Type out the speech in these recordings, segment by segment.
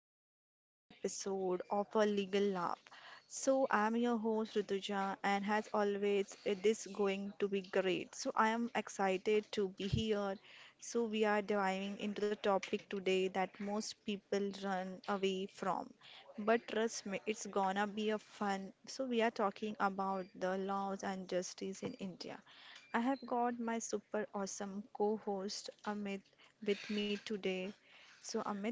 back to the another episode of a legal lab. So I'm your host Rutuja, and as always it is going to be great. So I am excited to be here. So we are diving into the topic today that most people run away from. But trust me, it's gonna be a fun. So we are talking about the laws and justice in India. I have got my super awesome co-host Amit with me today. So, Amit,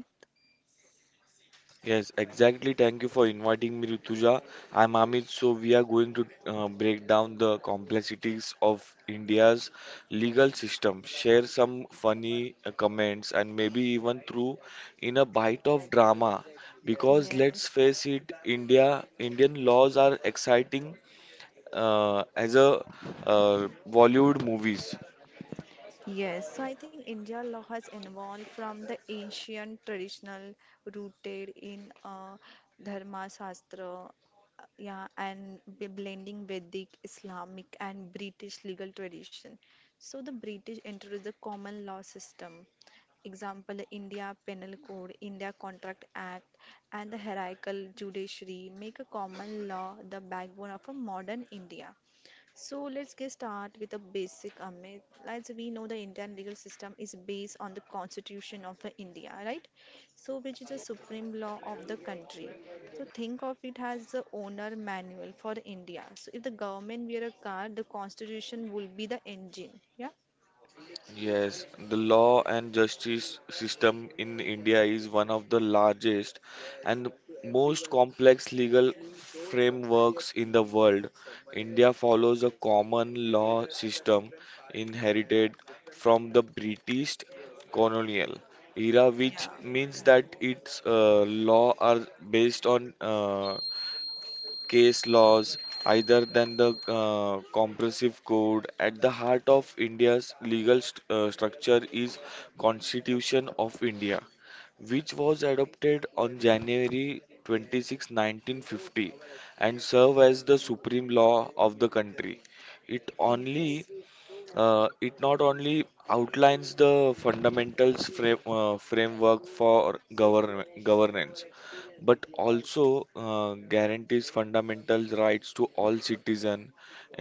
Yes, exactly. Thank you for inviting me, Rituja. I'm Amit. So we are going to break down the complexities of India's legal system, share some funny comments, and maybe even through in a bite of drama. Because yes, let's face it, Indian laws are exciting as a Bollywood movies. yes. So, I think India law has evolved from the ancient traditional rooted in Dharma Shastra, yeah, and blending Vedic, Islamic, and British legal tradition. So, the British introduced the common law system. Example, the India Penal Code, India Contract Act, and the hierarchical judiciary make a common law the backbone of a modern India. So let's get start with the basic, Amit. As we know, the Indian legal system is based on the Constitution of the India, right? So which is the supreme law of the country. So think of it as the owner manual for India. So if the government were a car, the Constitution would be the engine. Yeah. Yes, the law and justice system in India is one of the largest and most complex legal frameworks in the world. India follows a common law system inherited from the British colonial era, which Yeah. means that its law are based on case laws either than the compressive code at the heart of india's legal structure is constitution of india, which was adopted on January 26, 1950 and serve as the supreme law of the country. It only Yes. It not only outlines the fundamentals framework for govern governance, but also guarantees fundamental rights to all citizens,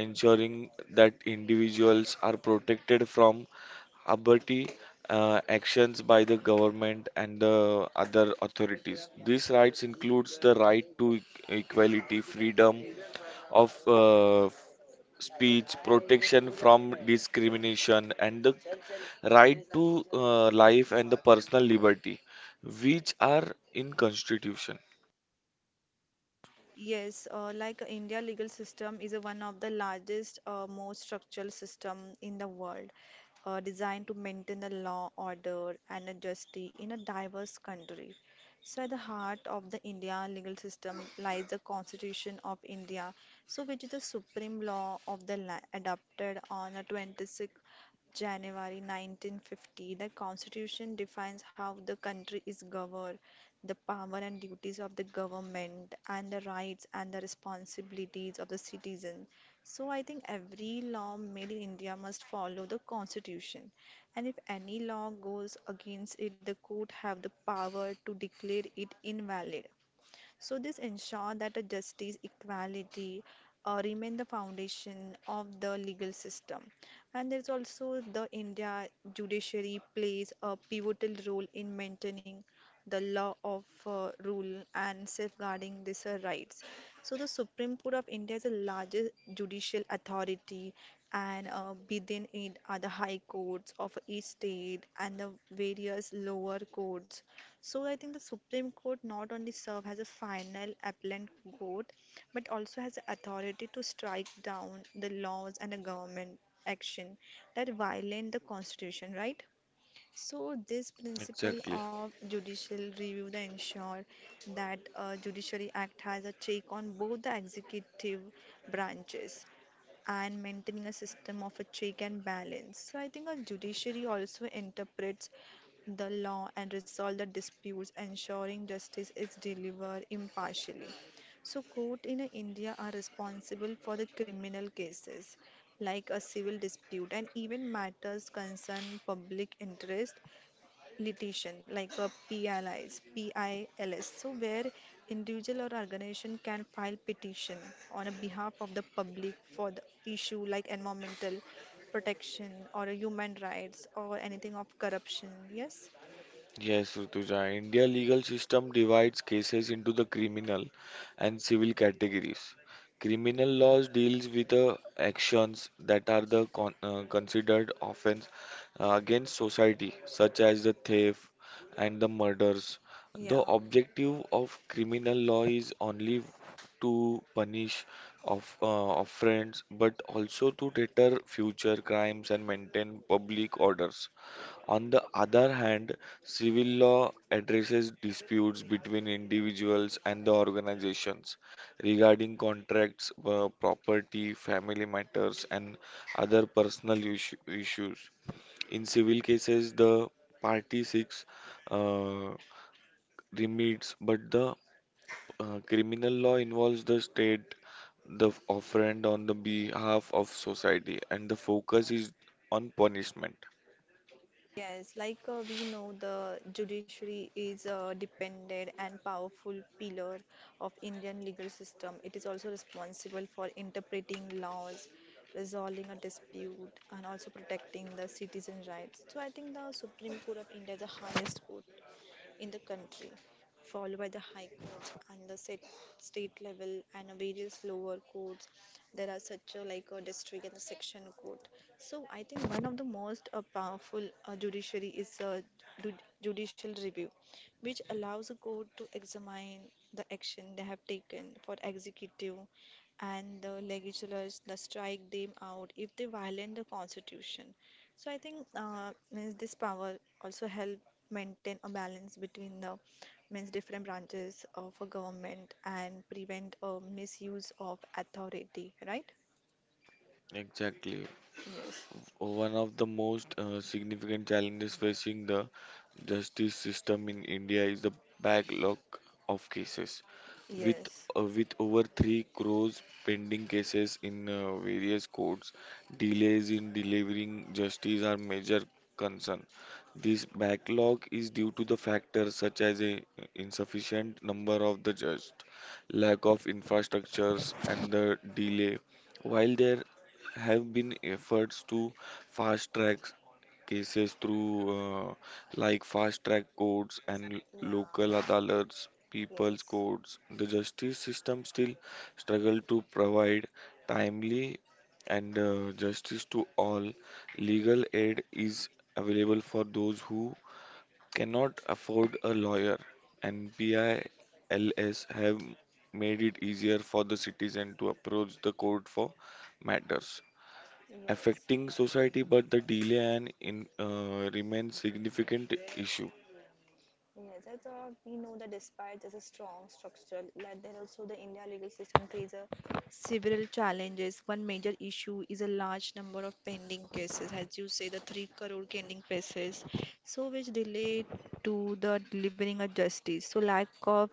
ensuring that individuals are protected from arbitrary actions by the government and the other authorities. These rights includes the right to equality, freedom of speech, protection from discrimination, and the right to life and the personal liberty, which are in Constitution. Yes, like India legal system is a one of the largest, most structural system in the world, designed to maintain the law, order, and a justice in a diverse country. So, at the heart of the India legal system lies the Constitution of India, so which is the supreme law of the land, adopted on a 26th January 1950. The Constitution defines how the country is governed, the power and duties of the government and the rights and the responsibilities of the citizen. So I think every law made in India must follow the constitution. And if any law goes against it, the court have the power to declare it invalid. So this ensure that a justice equality remain the foundation of the legal system. And there's also the India judiciary plays a pivotal role in maintaining the law of rule and safeguarding these rights. So the Supreme Court of India is the largest judicial authority, and within it are the high courts of each state and the various lower courts. So I think the Supreme Court not only serve as a final appellate court, but also has the authority to strike down the laws and the government action that violate the Constitution, right? So this principle Exactly. of judicial review that ensure that judiciary act has a check on both the executive branches and maintaining a system of a check and balance. So I think a judiciary also interprets the law and resolve the disputes, ensuring justice is delivered impartially. So court in India are responsible for the criminal cases like a civil dispute and even matters concern public interest litigation like a PLIs, PILS, so where individual or organization can file petition on a behalf of the public for the issue like environmental protection or a human rights or anything of corruption. Yes? Yes, Rutuja. India legal system divides cases into the criminal and civil categories. Criminal laws deals with the actions that are the considered offense against society, such as the theft and the murders. Yeah. The objective of criminal law is only to punish of offense, but also to deter future crimes and maintain public orders. On the other hand, civil law addresses disputes between individuals and the organizations regarding contracts, property, family matters, and other personal issues. In civil cases, the party seeks uh, remedies, but the criminal law involves the state, the offend on the behalf of society, and the focus is on punishment. Yes, like we know, the judiciary is a dependent and powerful pillar of Indian legal system. It is also responsible for interpreting laws, resolving a dispute, and also protecting the citizen rights. So I think the Supreme Court of India is the highest court in the country, followed by the High Court and the set, state level and various lower courts. There are such a, like a district and a section court. So I think one of the most powerful judiciary is ju- judicial review, which allows a court to examine the action they have taken for executive and the legislators the strike them out if they violate the constitution. So I think means this power also help maintain a balance between the means different branches of a government and prevent misuse of authority, right? Exactly. Yes, One of the most significant challenges facing the justice system in India is the backlog of cases. With yes, with over 3 crores pending cases in various courts, delays in delivering justice are major concern. This backlog is due to the factors such as a insufficient number of the judges, lack of infrastructures, and the delay. While there have been efforts to fast track cases through like fast track courts and l- local yeah, adalats, people's yes, courts. The justice system still struggle to provide timely and justice to all. Legal aid is available for those who cannot afford a lawyer, and PILs have made it easier for the citizen to approach the court for matters yes. affecting society, but the delay and in remains significant issue. Yes, I thought we know that despite there's a strong structure, like there also the India legal system creates a several challenges. One major issue is a large number of pending cases, as you say, the three crore pending cases, so which delay to the delivering of justice. So lack of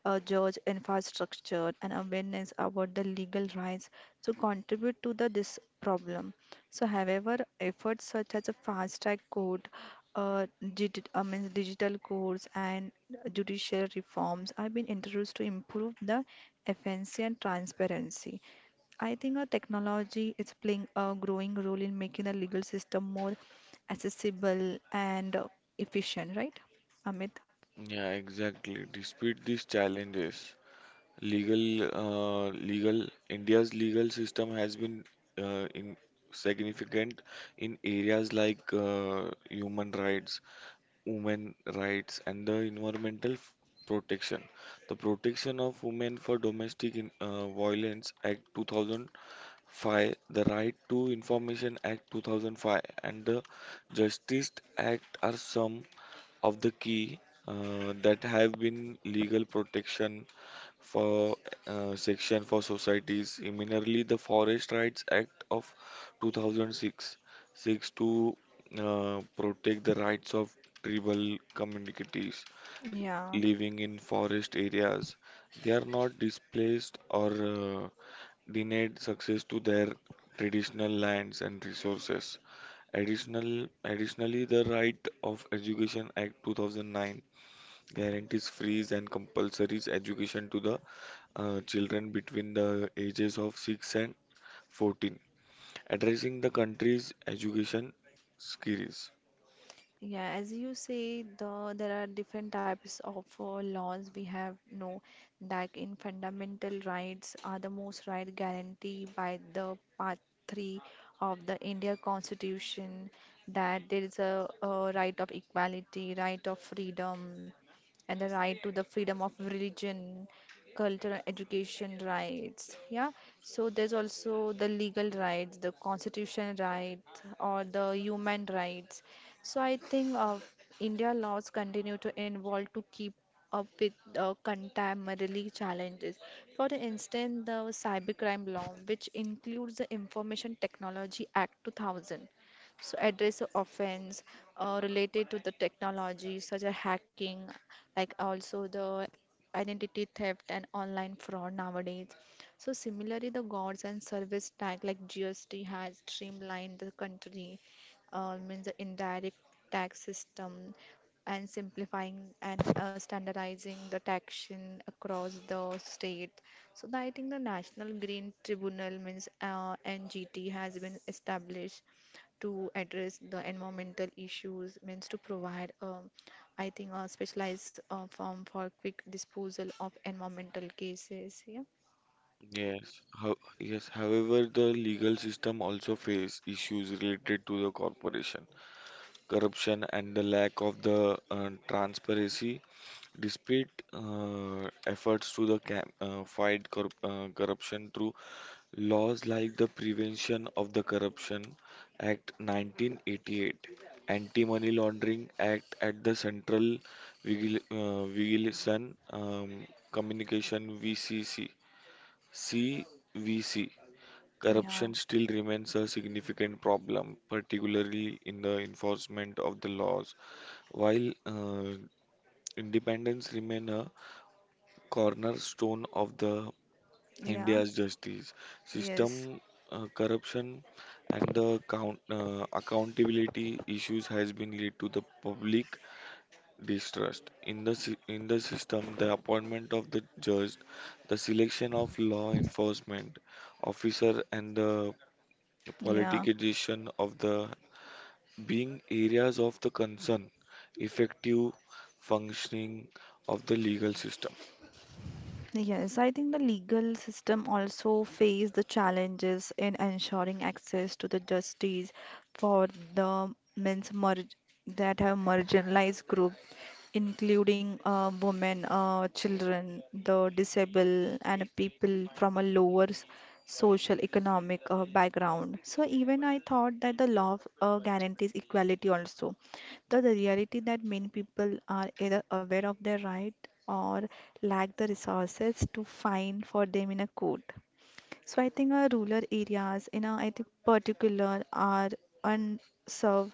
judge infrastructure and awareness about the legal rights to contribute to the this problem. So, however, efforts such as a fast-track court, digital courts, and judicial reforms have been introduced to improve the efficiency and transparency. I think our technology is playing a growing role in making the legal system more accessible and efficient, right, Amit? Yeah, exactly. Despite these challenges, legal legal India's legal system has been in significant in areas like human rights, women rights, and the environmental protection. The Protection of Women for Domestic Violence Act 2000 5. The Right to Information Act 2005 and the Justice Act are some of the key that have been legal protection for section for societies. Similarly, the Forest Rights Act of 2006 seeks to protect the rights of tribal communities Yeah. living in forest areas. They are not displaced or denied success to their traditional lands and resources. Additionally, the Right of Education Act 2009 guarantees free and compulsory education to the children between the ages of 6 and 14, addressing the country's education skills. Yeah, as you say, the there are different types of laws we have know that in fundamental rights are the most right guaranteed by the part three of the India Constitution, that there is a right of equality, right of freedom, and the right to the freedom of religion, cultural education rights. Yeah. So there's also the legal rights, the constitution rights or the human rights. So I think India laws continue to evolve to keep up with contemporary challenges. For instance, the cybercrime law, which includes the Information Technology Act 2000, so address of offense related to the technology such as hacking, like also the identity theft and online fraud nowadays. So similarly, the goods and service tax like GST has streamlined the country, means the indirect tax system, and simplifying and standardizing the taxation across the state. So the- I think the National Green Tribunal means NGT has been established to address the environmental issues means to provide I think a specialized firm for quick disposal of environmental cases. Yeah. Yes. However, the legal system also face issues related to the corporation, corruption, and the lack of the transparency. Despite efforts to the cam fight corruption through laws like the Prevention of the Corruption Act 1988, Anti-Money Laundering Act at the Central Vigilance Communication VCC. CVC Yeah. Corruption still remains a significant problem, particularly in the enforcement of the laws. While independence remain a cornerstone of the Yeah. India's justice Yes. system, corruption and the accountability issues has been led to the public distrust in the system. The appointment of the judge, the selection of law enforcement officer, and the Yeah. politicization of the being areas of the concern, effective functioning of the legal system. Yes, I think the legal system also face the challenges in ensuring access to the justice for the men's mar- that have marginalized group, including women, children, the disabled, and people from a social economic background. So even I thought that the law guarantees equality also, the reality that many people are either aware of their right or lack the resources to find for them in a court. So I think our rural areas, in a, I think particular, are unserved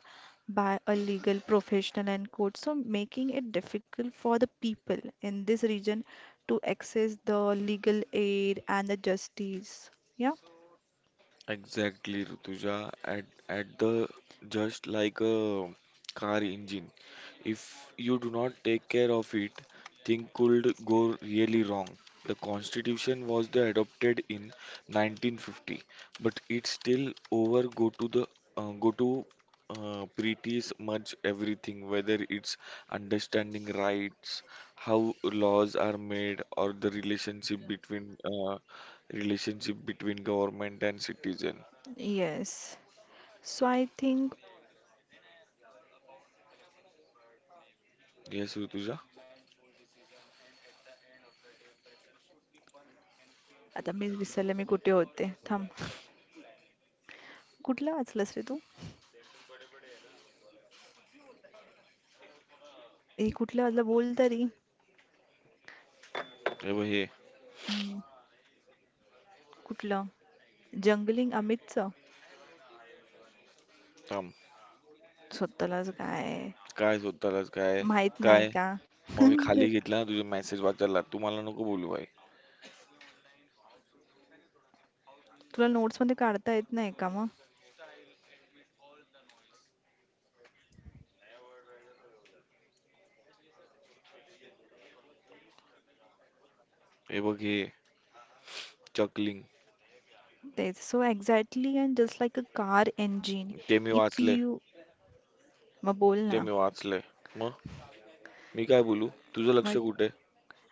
by a legal professional and court, so making it difficult for the people in this region to access the legal aid and the justice. Yeah. Exactly, Rutuja, at the just like a car engine. If you do not take care of it, things could go really wrong. The Constitution was the adopted in 1950, but it still over go to the go to pretty much everything, whether it's understanding rights, how laws are made, or the relationship between government and citizen. Yes. So I think Yes, Rutuja. आता मी विसरले मी कुठे होते थांब कुठला वाचलंस रे तू ए कुठल्या वाजलं बोल तरी हे बघ हे हम्म. कुठलं जंगलिंग अमितचं थांब स्वतःलाच काय काय स्वतःलाच काय? माहित नाही काय? का मग मी खाली घेतला ना तुझे मेसेज वाचायला. तू मला नको बोलू भाई. तुला नोट्स मध्ये काढता येत नाही का मग हे बघ हे चकलिंग. तेच so exactly and just like a car engine ते मी इफ वाचले. यू मग बोल ते ना मी वाचले. मग? मी काय बोलू? तुझं लक्ष मग कुठे?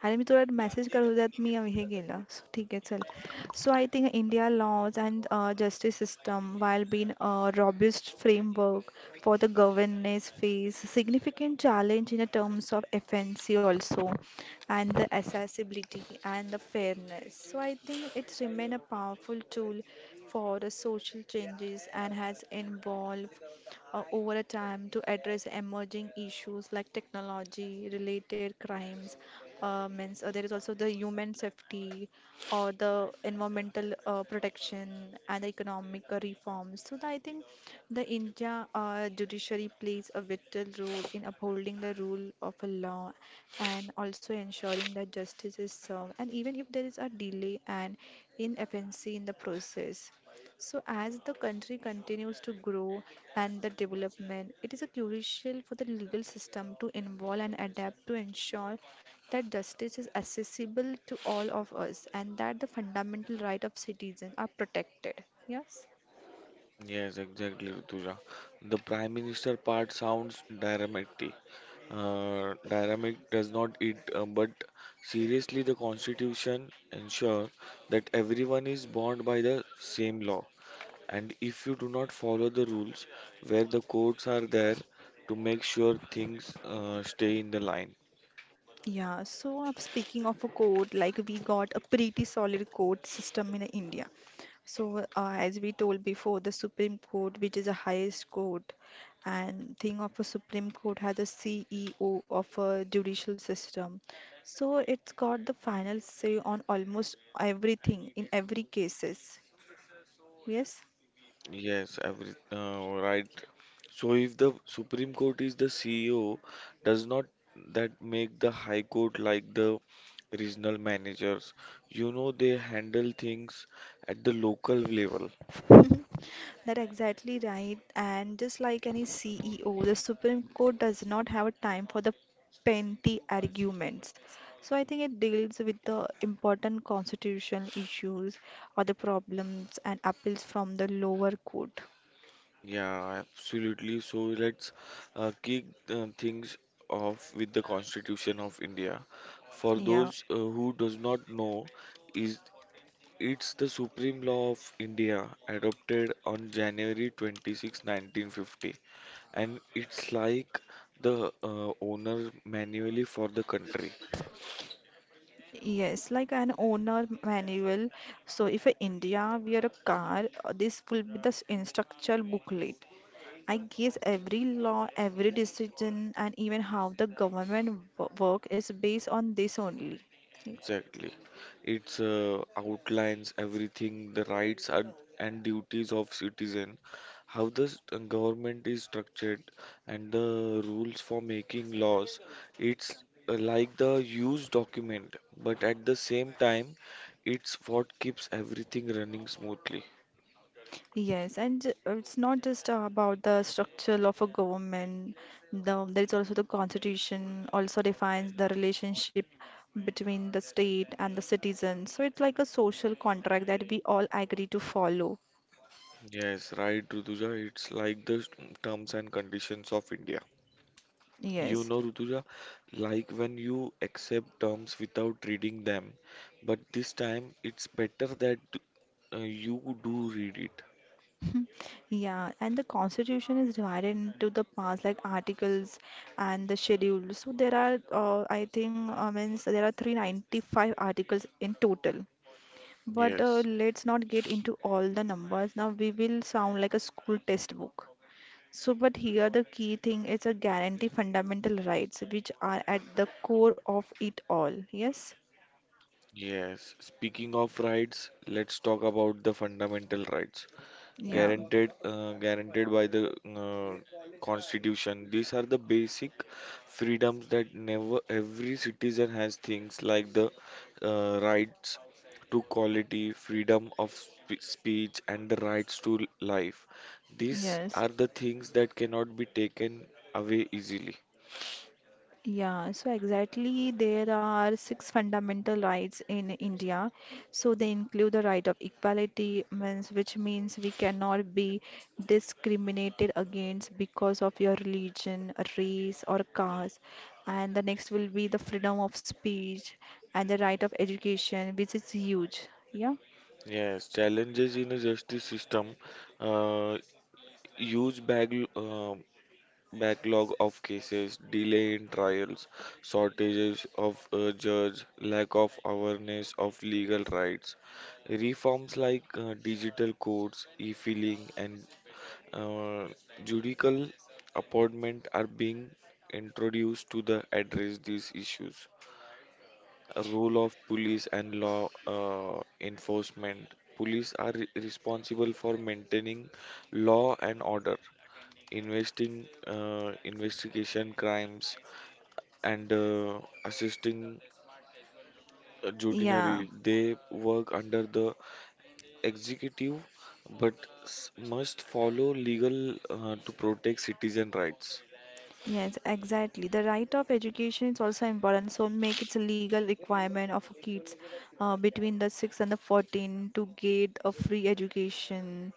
I will message you that me over here, Gaila. So, okay, so I think India laws and justice system, while being a robust framework for the governance phase, significant challenge in terms of efficiency also and the accessibility and the fairness. So, I think it's remain a powerful tool for the social changes and has involved over a time to address emerging issues like technology related crimes, means there is also the human safety or the environmental protection and the economic reforms. So the, I think the India judiciary plays a vital role in upholding the rule of a law and also ensuring that justice is served, and even if there is a delay and inefficiency in the process. So, as the country continues to grow and the development, it is a crucial for the legal system to involve and adapt to ensure that justice is accessible to all of us and that the fundamental right of citizens are protected. Yes. Yes, exactly Rutuja. The prime minister part sounds dramatic. Dynamic does not eat but seriously the constitution ensure that everyone is bound by the same. And if you do not follow the rules, where the codes are there to make sure things stay in the line. Yeah, so speaking of a code, like we got a pretty solid code system in India. So, as we told before, the Supreme Court, which is the highest court, and thing of a Supreme Court has a CEO of a judicial system. So it's got the final say on almost everything in every cases. Yes. Yes, every right. So if the Supreme Court is the CEO, does not that make the High Court like the regional managers? You know they handle things at the local level. Mhm. That exactly right. And just like any CEO, the Supreme Court does not have a time for the petty arguments. So I think it deals with the important constitutional issues or the problems and appeals from the lower court. Yeah, absolutely. So let's kick things off with the Constitution of India. For Yeah. those who does not know, is it's the supreme law of India adopted on January 26, 1950, and it's like the owner manually for the country. Yes, like an owner manual. So if a India we are a car, this will be the instructional booklet. I guess every law, every decision, and even how the government work is based on this only. Exactly. It's outlines everything, the rights and duties of citizen, how the government is structured, and the rules for making laws. It's like the huge document, but at the same time, it's what keeps everything running smoothly. Yes, and it's not just about the structure of a government. The, there is also the constitution also defines the relationship between the state and the citizens. So it's like a social contract that we all agree to follow. Yes, right, Rutuja. It's like the s- terms and conditions of India. You Yes. know, Rutuja, like when you accept terms without reading them, but this time it's better that you do read it. Yeah, and the constitution is divided into the parts like articles and the schedule. So there are, I think, means there are 395 articles in total. But Yes. let's not get into all the numbers. Now we will sound like a school textbook. So, but here the key thing is a guarantee fundamental rights, which are at the core of it all. Yes? Yes, speaking of rights, let's talk about the fundamental rights Yeah. Guaranteed by the Constitution. These are the basic freedoms that never every citizen has things like the rights to quality, freedom of speech, and the rights to life. These Yes. are the things that cannot be taken away easily. Yeah, so exactly there are six fundamental rights in India. So they include the right of equality, means which means we cannot be discriminated against because of your religion, race, or caste. And the next will be the freedom of speech and the right of education, which is huge. Yeah, Yes, challenges in a justice system. Uh, Huge backlog of cases, delay in trials, shortages of judge, lack of awareness of legal rights. Reforms like digital courts, e-filing, and uh, judicial appointment are being introduced to the address these issues. A role of police and law enforcement. Police are responsible for maintaining law and order, investing investigation crimes and assisting yeah. judiciary. They work under the executive but s- must follow legal to protect citizen rights. Yes, exactly. The right of education is also important. So make it a legal requirement of kids between the 6 and the 14 to get a free education.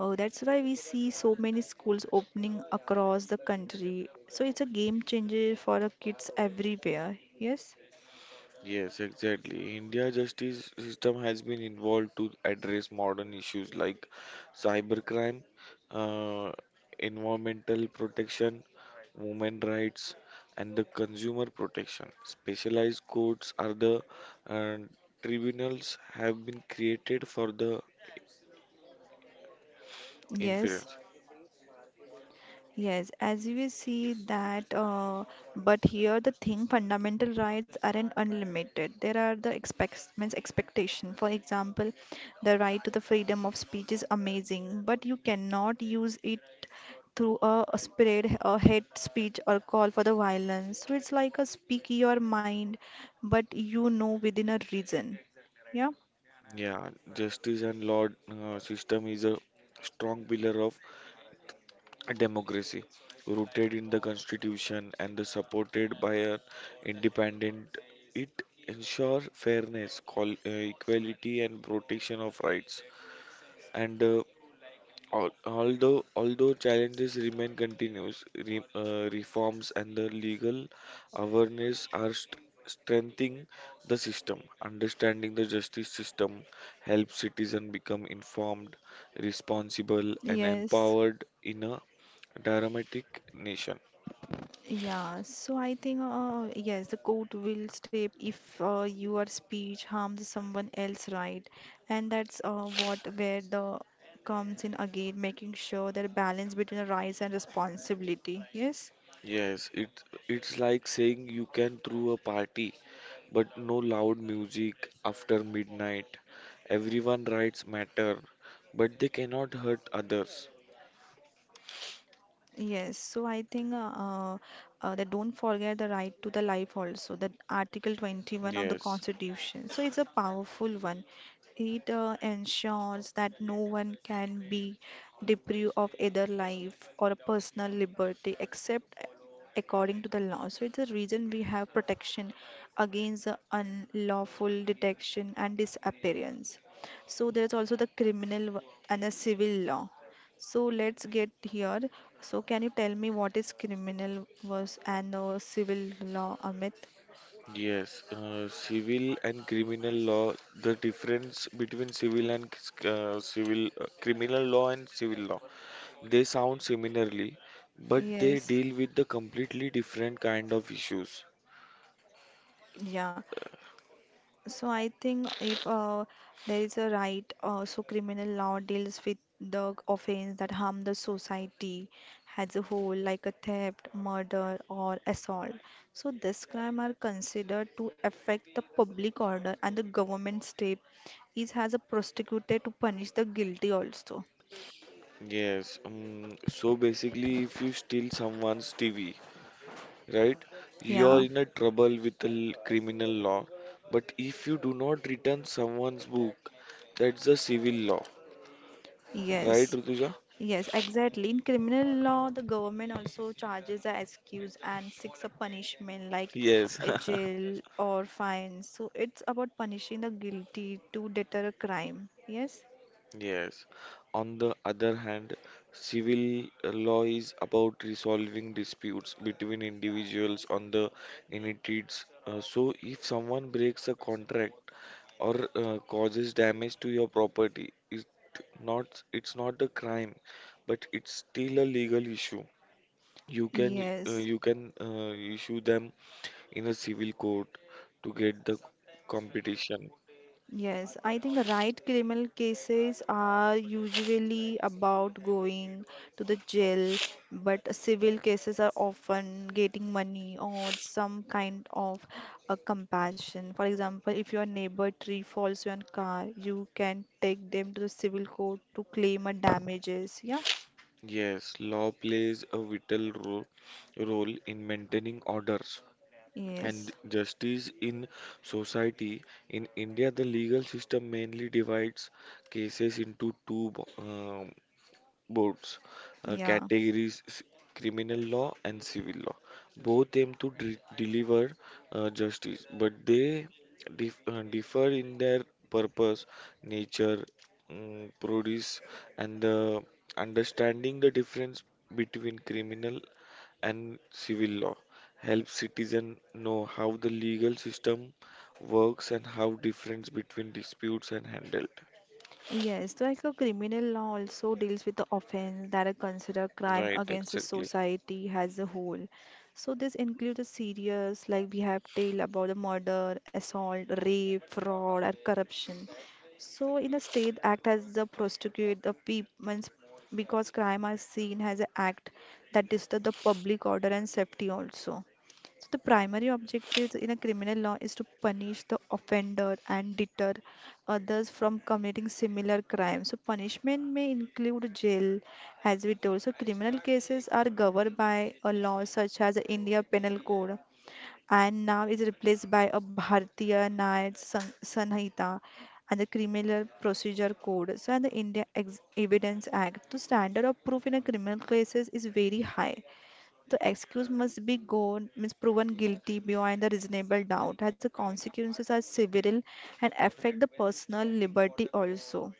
Oh, that's why we see so many schools opening across the country. So it's a game changer for the kids everywhere. Yes, Yes, exactly. India justice system has been involved to address modern issues like cybercrime, uh, environmental protection, women rights, and the consumer protection. Specialized courts are the uh, tribunals have been created for the yes. influence. Yes, as we see that, but here the thing, fundamental rights aren't unlimited. There are the expects means expectation. For example, the right to the freedom of speech is amazing, but you cannot use it through a spread a hate speech or call for the violence. So it's like a speak your mind, but within a reason. Yeah. Yeah, justice and law system is a strong pillar of democracy rooted in the constitution and the supported by an independent, it ensure fairness equality and protection of rights and although challenges remain continuous reforms and the legal awareness are strengthening the system, understanding the justice system helps citizens become informed, responsible and Yes. empowered in a Dramatic nation. Yeah, so I think yes, the court will step if your speech harms someone else, right? And that's what where the comes in again, making sure that balance between the rights and responsibility. Yes. Yes, it's like saying you can throw a party, but no loud music after midnight. Everyone rights matter, but they cannot hurt others. Yes, so I think uh, they don't forget the right to the life also, that Article 21 of the Yes, Constitution. So it's a powerful one. It ensures that no one can be deprived of either life or personal liberty except according to the law. So it's the reason we have protection against the unlawful detection and disappearance. So there's also the criminal and the civil law. So let's get here. So can you tell me what is criminal was and civil law, Amit? yes. Civil and criminal law. The difference between civil criminal law and civil law. They sound similarly, but they Yes, deal with the completely different kind of issues. yeah. So I think if there is a right, so criminal law deals with the offense that harm the society as a whole, like a theft, murder, or assault. So this crime are considered to affect the public order and the government step is has a prosecutor to punish the guilty also. Yes, so basically, if you steal someone's TV, right, you're Yeah. in a trouble with the l- criminal law. But if you do not return someone's book, that's a civil law, right, Yes, Rutuja? yes, exactly. In criminal law, the government also charges a excuse and seeks a punishment like Yes, a jail or fines. So it's about punishing the guilty to deter a crime. Yes, yes. On the other hand, civil law is about resolving disputes between individuals on the entities. So, if someone breaks a contract or causes damage to your property, it's not a crime, but it's still a legal issue. You can uh, yes. you can uh, issue them in a civil court to get the competition. Yes, I think right criminal cases are usually about going to the jail, but civil cases are often getting money or some kind of a compassion. For example, if your neighbor tree falls on your car, you can take them to the civil court to claim a damages. Yeah. Yes, law plays a vital ro role in maintaining orders and Yes. justice in society. In India, the legal system mainly divides cases into two boards Yeah. categories criminal law and civil law both aim to deliver justice but they differ in their purpose, nature, produce and the understanding the difference between criminal and civil law helps citizens know how the legal system works and how difference between disputes are handled, Yes, like a criminal law also deals with the offense that are considered crime right, against the exactly. society as a whole. So this includes the serious, like we have tale about the murder, assault, rape, fraud, or corruption. So in a state act as the prosecute the people because crime are seen as an act that disturbs the public order and safety also. So the primary objective in a criminal law is to punish the offender and deter others from committing similar crimes. So punishment may include jail, as we told. So criminal cases are governed by a law such as the India Penal Code, and now is replaced by a Bharatiya न्याय Sanhita and the Criminal Procedure Code. So and the India Evidence Act. So standard of proof in a criminal cases is very high. The excuse must be gone, means proven guilty beyond a reasonable doubt, as the consequences are severe and affect the personal liberty also.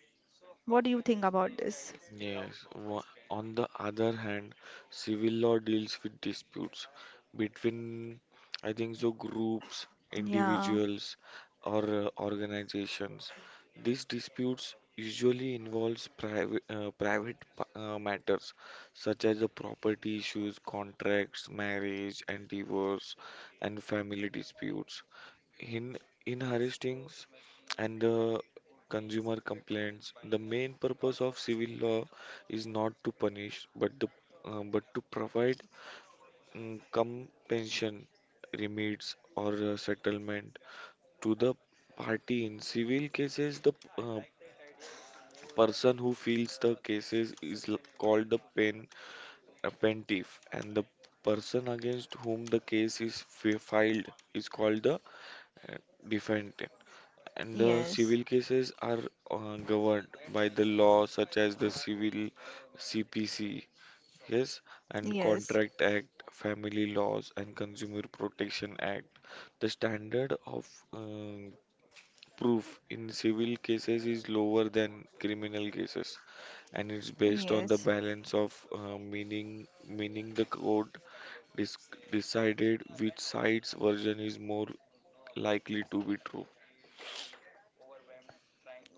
What do you think about this? Yes. Wha- On the other hand, civil law deals with disputes between, I think so, groups, Yeah, individuals, or organizations. These disputes usually involves private matters such as the property issues, contracts, marriage and divorce, and family disputes. In in Harish Things and the consumer complaints. The main purpose of civil law is not to punish, but the but to provide compensation, remedies, or settlement to the party. In civil cases, the uh, person who files the cases is called the pen a plaintiff, and the person against whom the case is filed is called the uh, defendant. And yes, civil cases are governed by the law such as the Civil CPC, yes, and yes, Contract Act, Family Laws, and Consumer Protection Act. The standard of proof in civil cases is lower than criminal cases, and it's based on the yes. balance of meaning the court dis decided which side's version is more likely to be true.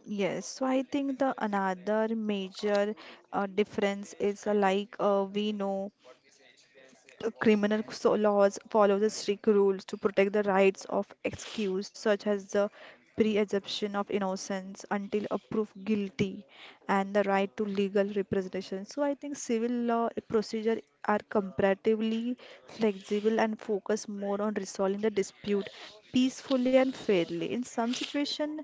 Yes, so I think the another major difference is like we know the criminal laws follow the strict rules to protect the rights of excuse, such as the presumption of innocence until a proof guilty, and the right to legal representation. So I think civil law procedure are comparatively flexible and focus more on resolving the dispute peacefully and fairly. In some situation,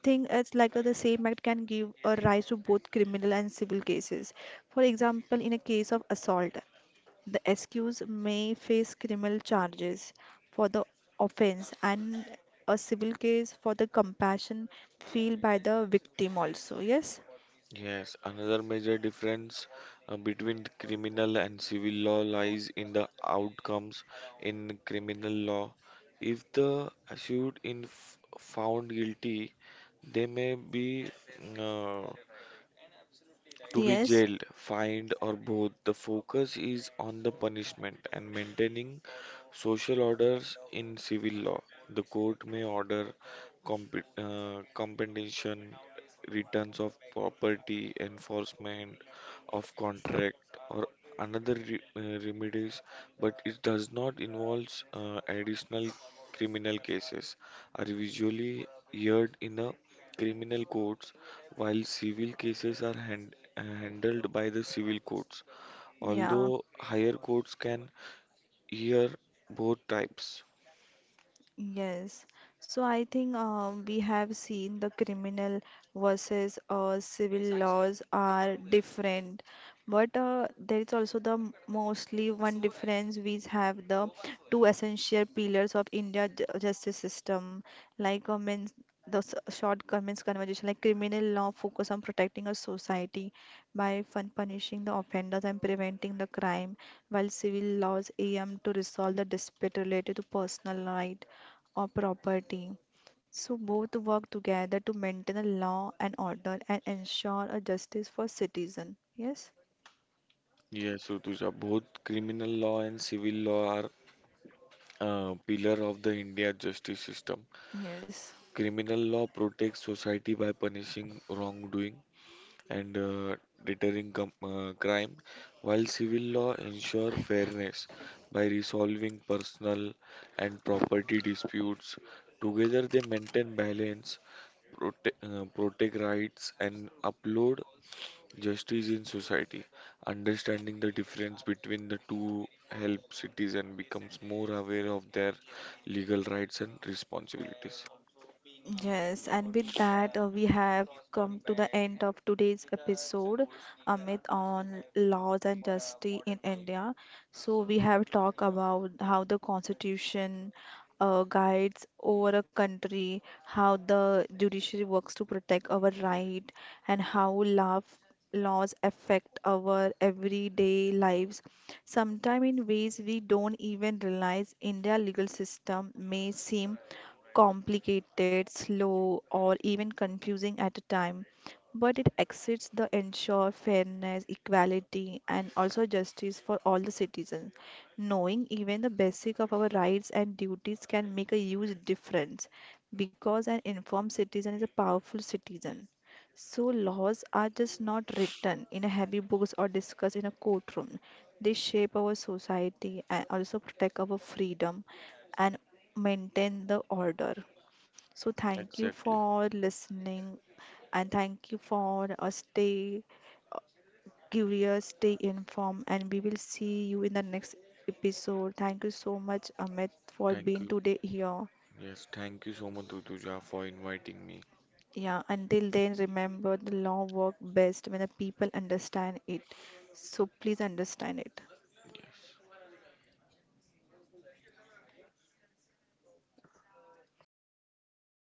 thing is like the same act can give a rise to both criminal and civil cases. For example, in a case of assault, the accused may face criminal charges for the offense and a civil case for the compassion felt by the victim also. Yes? Yes, another major difference between criminal and civil law lies in the outcomes in criminal law. If the accused in found guilty, they may be uh, to be Yes. jailed, fined, or both. The focus is on the punishment and maintaining social orders in civil law. The court may order compensation, returns of property, enforcement of contract, or another remedies, but it does not involve additional criminal cases are usually heard in the criminal courts while civil cases are handled by the civil courts, Yeah. although higher courts can hear both types. Yes, so I think we have seen the criminal versus civil laws are different, but there is also the mostly one difference we have the two essential pillars of India justice system, like means the short comments conversation like criminal law focus on protecting a society by fun punishing the offenders and preventing the crime, while civil laws aim to resolve the dispute related to personal right or property. So both work together to maintain a law and order and ensure a justice for citizen. Yes? Yes, Rutuja, both criminal law and civil law are pillar of the India justice system. Yes. Criminal law protects society by punishing wrongdoing and deterring crime, while civil law ensure fairness by resolving personal and property disputes. Together, they maintain balance, protect rights and upload justice in society. Understanding the difference between the two helps citizens becomes more aware of their legal rights and responsibilities. Yes, and with that, we have come to the end of today's episode, Amit, on laws and justice in India. So, we have talked about how the constitution guides over a country, how the judiciary works to protect our right, and how love laws affect our everyday lives. Sometimes, in ways we don't even realize, India's legal system may seem complicated, slow, or even confusing at a time, but it exceeds the ensure fairness, equality, and also justice for all the citizens. Knowing even the basic of our rights and duties can make a huge difference because an informed citizen is a powerful citizen. So laws are just not written in a heavy books or discussed in a courtroom. They shape our society and also protect our freedom and maintain the order. So thank you Exactly. for listening and thank you for stay uh, curious, stay informed, and we will see you in the next episode. Thank you so much, Amit, for Thank being you. today here. Yes, thank you so much, Rutuja, for inviting me. Yeah, until then, remember the law work best when the people understand it. So please understand it. Yes.